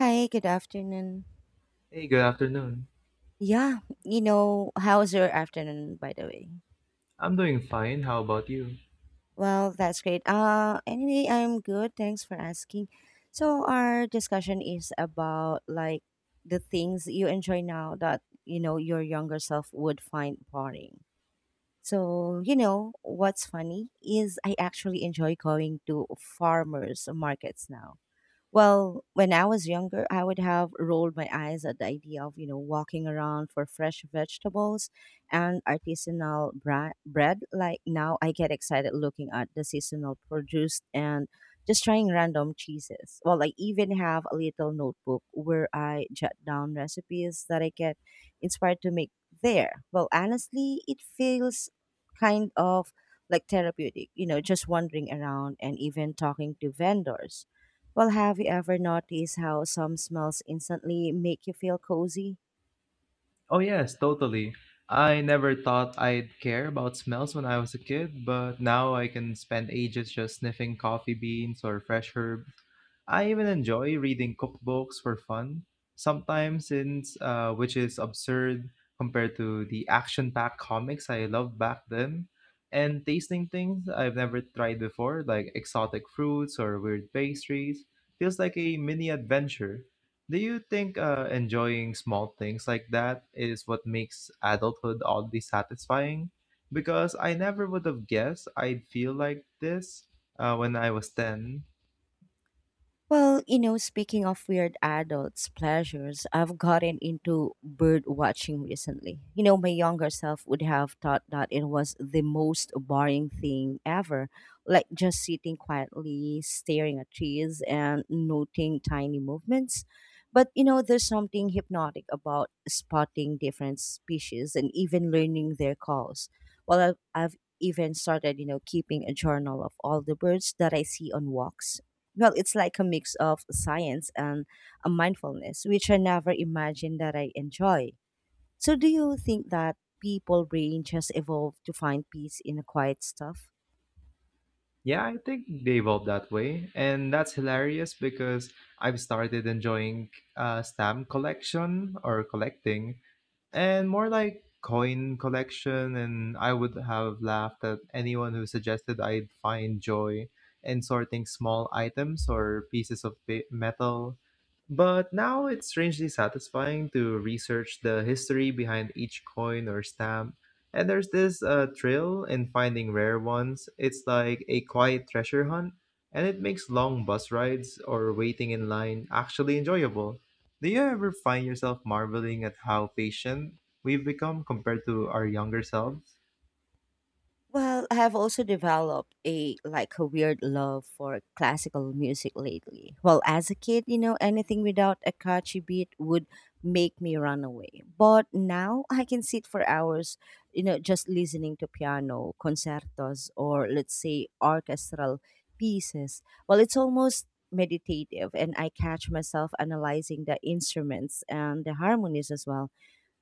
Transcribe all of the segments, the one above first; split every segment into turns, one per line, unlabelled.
Hi, good afternoon.
Hey, good afternoon.
Yeah, how's your afternoon, by the way?
I'm doing fine. How about you?
Well, that's great. Anyway, I'm good. Thanks for asking. So, our discussion is about like the things you enjoy now that, your younger self would find boring. So, what's funny is I actually enjoy going to farmers markets now. Well, when I was younger, I would have rolled my eyes at the idea of, walking around for fresh vegetables and artisanal bread. Like now, I get excited looking at the seasonal produce and just trying random cheeses. Well, I even have a little notebook where I jot down recipes that I get inspired to make there. Well, honestly, it feels kind of like therapeutic, just wandering around and even talking to vendors. Well, have you ever noticed how some smells instantly make you feel cozy?
Oh, yes, totally. I never thought I'd care about smells when I was a kid, but now I can spend ages just sniffing coffee beans or fresh herbs. I even enjoy reading cookbooks for fun, sometimes since which is absurd compared to the action-packed comics I loved back then, and tasting things I've never tried before, like exotic fruits or weird pastries, feels like a mini adventure. Do you think enjoying small things like that is what makes adulthood oddly satisfying? Because I never would have guessed I'd feel like this when I was 10.
Well, speaking of weird adults' pleasures, I've gotten into bird watching recently. My younger self would have thought that it was the most boring thing ever, like just sitting quietly, staring at trees, and noting tiny movements. But, there's something hypnotic about spotting different species and even learning their calls. Well, I've even started, keeping a journal of all the birds that I see on walks. Well, it's like a mix of science and a mindfulness, which I never imagined that I enjoy. So, do you think that people brain just evolved to find peace in the quiet stuff?
Yeah, I think they evolved that way. And that's hilarious because I've started enjoying stamp collection or collecting, and more like coin collection. And I would have laughed at anyone who suggested I'd find joy in sorting small items or pieces of metal, but now it's strangely satisfying to research the history behind each coin or stamp. And there's this thrill in finding rare ones. It's like a quiet treasure hunt, and it makes long bus rides or waiting in line actually enjoyable. Do you ever find yourself marveling at how patient we've become compared to our younger selves?
Well, I have also developed a weird love for classical music lately. Well, as a kid, anything without a catchy beat would make me run away. But now I can sit for hours, just listening to piano concertos or let's say orchestral pieces. Well, it's almost meditative and I catch myself analyzing the instruments and the harmonies as well.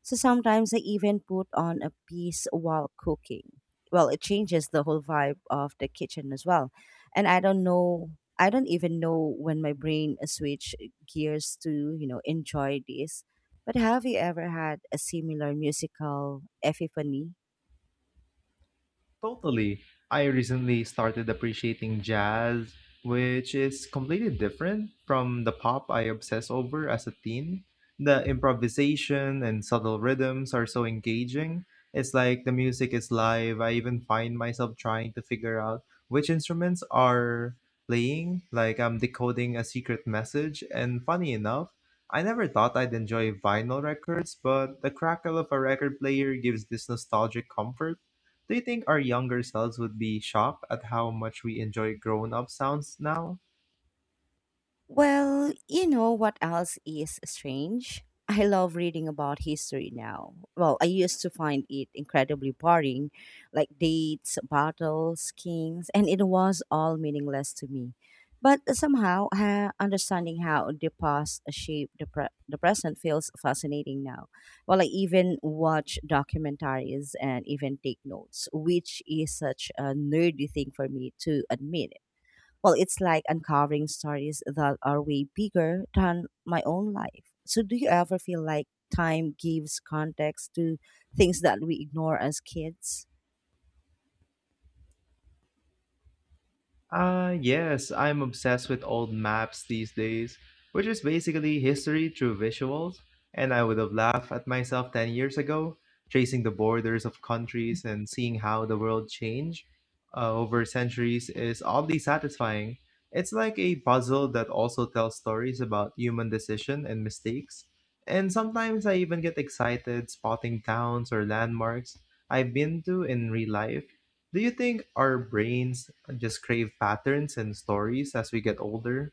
So sometimes I even put on a piece while cooking. Well, it changes the whole vibe of the kitchen as well. And I don't know, I don't even know when my brain switch gears to, enjoy this. But have you ever had a similar musical epiphany?
Totally. I recently started appreciating jazz, which is completely different from the pop I obsess over as a teen. The improvisation and subtle rhythms are so engaging. It's like the music is live. I even find myself trying to figure out which instruments are playing, like I'm decoding a secret message. And funny enough, I never thought I'd enjoy vinyl records, but the crackle of a record player gives this nostalgic comfort. Do you think our younger selves would be shocked at how much we enjoy grown up sounds now?
Well, you know what else is strange? I love reading about history now. Well, I used to find it incredibly boring, like dates, battles, kings, and it was all meaningless to me. But somehow, understanding how the past shaped the present feels fascinating now. Well, I even watch documentaries and even take notes, which is such a nerdy thing for me to admit. Well, it's like uncovering stories that are way bigger than my own life. So, do you ever feel like time gives context to things that we ignore as kids?
Ah, yes, I'm obsessed with old maps these days, which is basically history through visuals, and I would have laughed at myself 10 years ago. Tracing the borders of countries and seeing how the world changed over centuries is oddly satisfying. It's like a puzzle that also tells stories about human decision and mistakes. And sometimes I even get excited spotting towns or landmarks I've been to in real life. Do you think our brains just crave patterns and stories as we get older?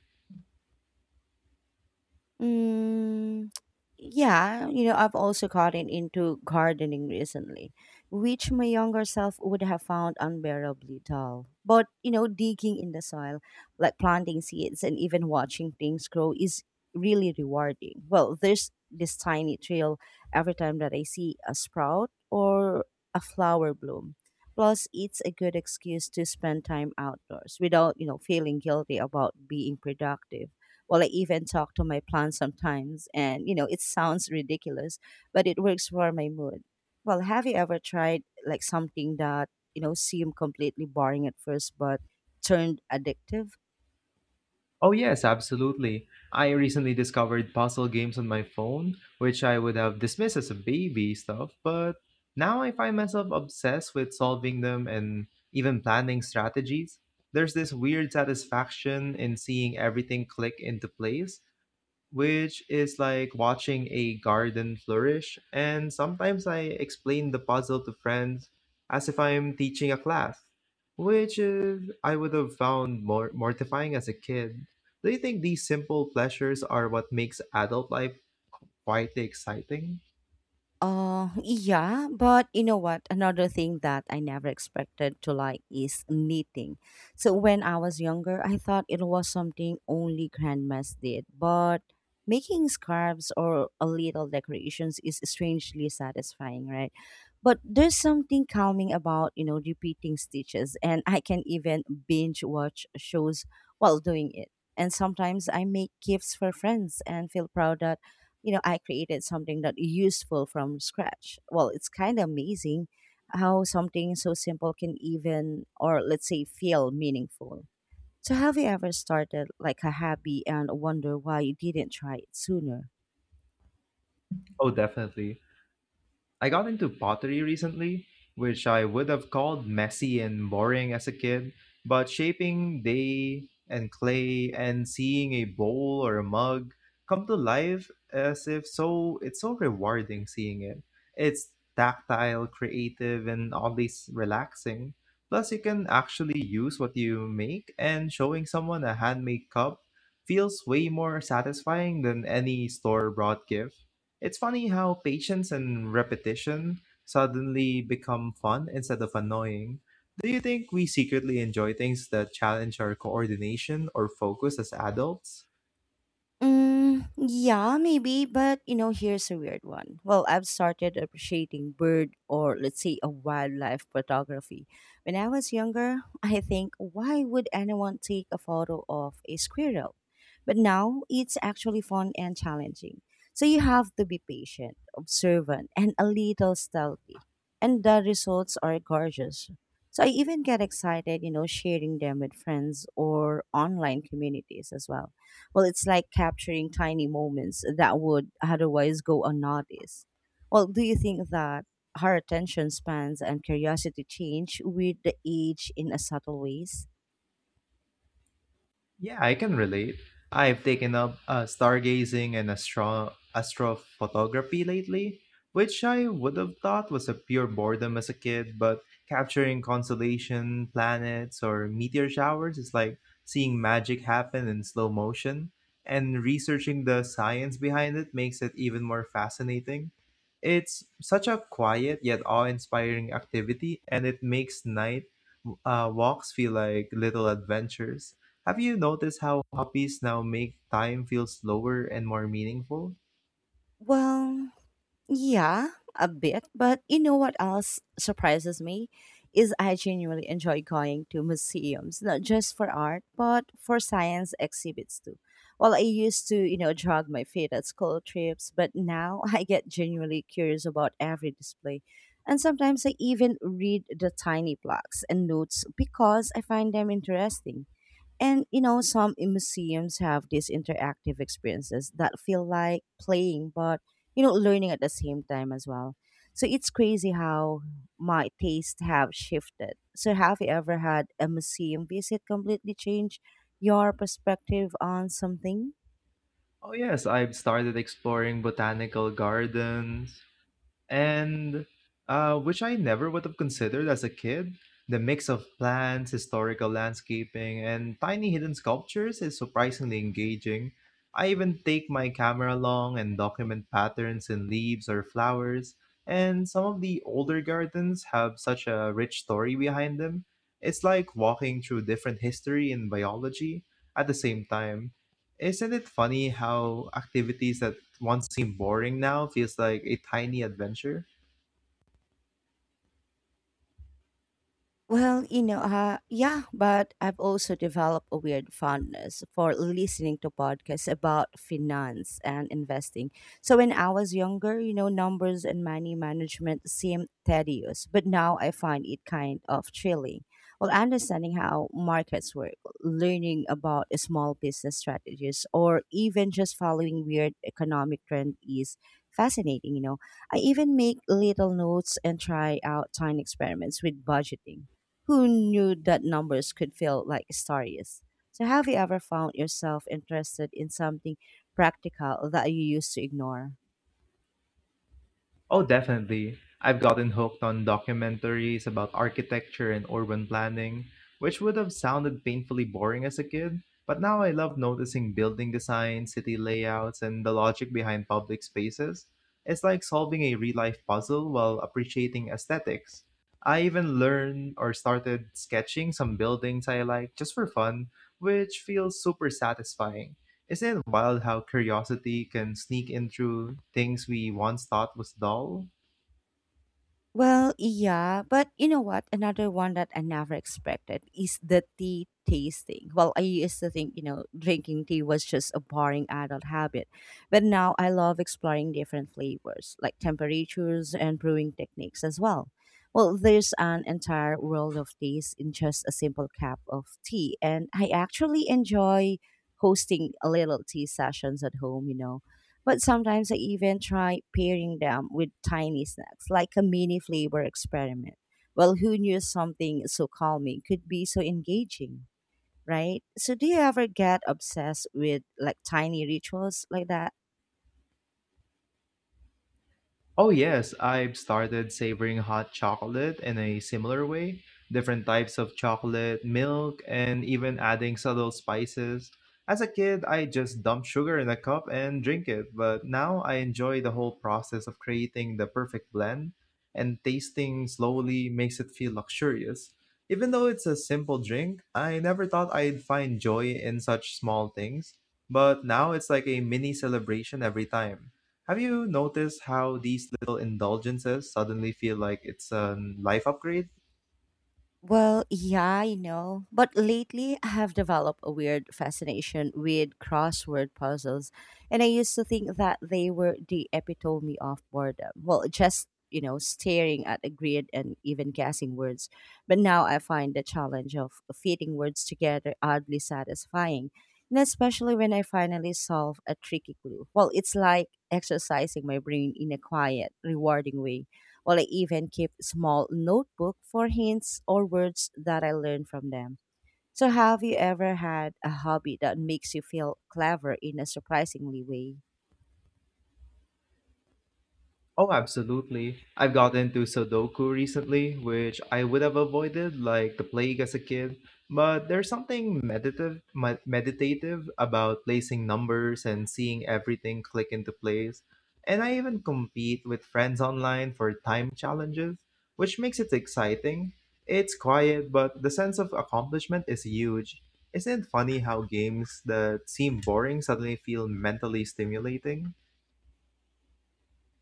Mm, yeah, I've also gotten into gardening recently, which my younger self would have found unbearably dull. But, digging in the soil, like planting seeds and even watching things grow is really rewarding. Well, there's this tiny thrill every time that I see a sprout or a flower bloom. Plus, it's a good excuse to spend time outdoors without, feeling guilty about being productive. Well, I even talk to my plants sometimes, and it sounds ridiculous, but it works for my mood. Well, have you ever tried like something that, seemed completely boring at first but turned addictive?
Oh, yes, absolutely. I recently discovered puzzle games on my phone, which I would have dismissed as a baby stuff, but now I find myself obsessed with solving them and even planning strategies. There's this weird satisfaction in seeing everything click into place, which is like watching a garden flourish. And sometimes I explain the puzzle to friends as if I'm teaching a class, which is, I would have found more mortifying as a kid. Do you think these simple pleasures are what makes adult life quietly exciting?
Yeah, but you know what? Another thing that I never expected to like is knitting. So when I was younger, I thought it was something only grandmas did, but making scarves or a little decorations is strangely satisfying, right? But there's something calming about, repeating stitches, and I can even binge watch shows while doing it. And sometimes I make gifts for friends and feel proud, I created something that useful from scratch. Well, it's kind of amazing how something so simple can even, or let's say, feel meaningful. So, have you ever started like a hobby and wonder why you didn't try it sooner?
Oh, definitely. I got into pottery recently, which I would have called messy and boring as a kid, but shaping day and clay and seeing a bowl or a mug come to life as if so it's so rewarding seeing it. It's tactile, creative, and oddly relaxing. Plus, you can actually use what you make, and showing someone a handmade cup feels way more satisfying than any store bought gift. It's funny how patience and repetition suddenly become fun instead of annoying. Do you think we secretly enjoy things that challenge our coordination or focus as adults?
Mm, yeah, maybe, but here's a weird one. Well, I've started appreciating bird or let's say a wildlife photography. When I was younger, I think why would anyone take a photo of a squirrel? But now it's actually fun and challenging. So you have to be patient, observant, and a little stealthy. And the results are gorgeous. So I even get excited, sharing them with friends or online communities as well. Well, it's like capturing tiny moments that would otherwise go unnoticed. Well, do you think that our attention spans and curiosity change with the age in a subtle ways?
Yeah, I can relate. I've taken up stargazing and astrophotography lately, which I would have thought was a pure boredom as a kid, but capturing constellation, planets, or meteor showers is like seeing magic happen in slow motion, and researching the science behind it makes it even more fascinating. It's such a quiet yet awe-inspiring activity, and it makes night walks feel like little adventures. Have you noticed how hobbies now make time feel slower and more meaningful?
Well, yeah, a bit. But you know what else surprises me is I genuinely enjoy going to museums, not just for art, but for science exhibits too. Well, I used to, drag my feet at school trips, but now I get genuinely curious about every display. And sometimes I even read the tiny plaques and notes because I find them interesting. Some in museums have these interactive experiences that feel like playing, but learning at the same time as well. So it's crazy how my tastes have shifted. So have you ever had a museum visit completely change your perspective on something?
Oh, yes, I've started exploring botanical gardens, and which I never would have considered as a kid. The mix of plants, historical landscaping, and tiny hidden sculptures is surprisingly engaging. I even take my camera along and document patterns in leaves or flowers, and some of the older gardens have such a rich story behind them. It's like walking through different history and biology at the same time. Isn't it funny how activities that once seemed boring now feels like a tiny adventure.
Well, yeah, but I've also developed a weird fondness for listening to podcasts about finance and investing. So when I was younger, numbers and money management seemed tedious, but now I find it kind of thrilling. Well, understanding how markets work, learning about small business strategies, or even just following weird economic trend is fascinating. I even make little notes and try out tiny experiments with budgeting. Who knew that numbers could feel like stories? So, have you ever found yourself interested in something practical that you used to ignore?
Oh, definitely. I've gotten hooked on documentaries about architecture and urban planning, which would have sounded painfully boring as a kid. But now I love noticing building design, city layouts, and the logic behind public spaces. It's like solving a real life puzzle while appreciating aesthetics. I even learned or started sketching some buildings I like just for fun, which feels super satisfying. Isn't it wild how curiosity can sneak in through things we once thought was dull?
Well, yeah, but you know what? Another one that I never expected is the tea tasting. Well, I used to think, drinking tea was just a boring adult habit, but now I love exploring different flavors, like temperatures and brewing techniques as well. Well, there's an entire world of taste in just a simple cup of tea, and I actually enjoy hosting a little tea sessions at home, but sometimes I even try pairing them with tiny snacks, like a mini flavor experiment. Well, who knew something so calming could be so engaging, right? So, do you ever get obsessed with like tiny rituals like that?
Oh, yes, I've started savoring hot chocolate in a similar way. Different types of chocolate, milk, and even adding subtle spices. As a kid, I just dumped sugar in a cup and drink it, but now I enjoy the whole process of creating the perfect blend, and tasting slowly makes it feel luxurious. Even though it's a simple drink, I never thought I'd find joy in such small things, but now it's like a mini celebration every time. Have you noticed how these little indulgences suddenly feel like it's a life upgrade?
Well, yeah, but lately I have developed a weird fascination with crossword puzzles, and I used to think that they were the epitome of boredom. Well, just, staring at a grid and even guessing words. But now I find the challenge of fitting words together oddly satisfying, and especially when I finally solve a tricky clue. Well, it's like exercising my brain in a quiet, rewarding way. Well, I even keep small notebook for hints or words that I learn from them. So have you ever had a hobby that makes you feel clever in a surprisingly way?
Oh, absolutely. I've gotten into Sudoku recently, which I would have avoided like the plague as a kid. But there's something meditative about placing numbers and seeing everything click into place. And I even compete with friends online for time challenges, which makes it exciting. It's quiet, but the sense of accomplishment is huge. Isn't it funny how games that seem boring suddenly feel mentally stimulating?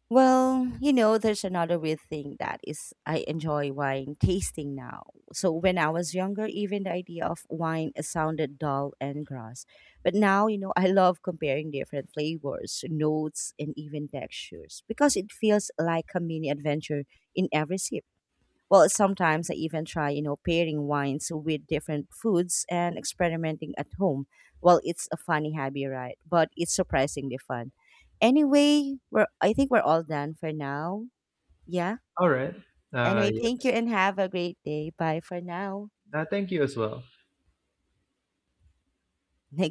Well, there's another weird thing that is I enjoy wine tasting now. So when I was younger, even the idea of wine sounded dull and gross. But now, I love comparing different flavors, notes, and even textures because it feels like a mini adventure in every sip. Well, sometimes I even try, pairing wines with different foods and experimenting at home. Well, it's a funny hobby, right? But it's surprisingly fun. Anyway, we're I think we're all done for now. Yeah.
All right.
Anyway, thank you
Yes.
and have a great day. Bye for now.
Thank you as well.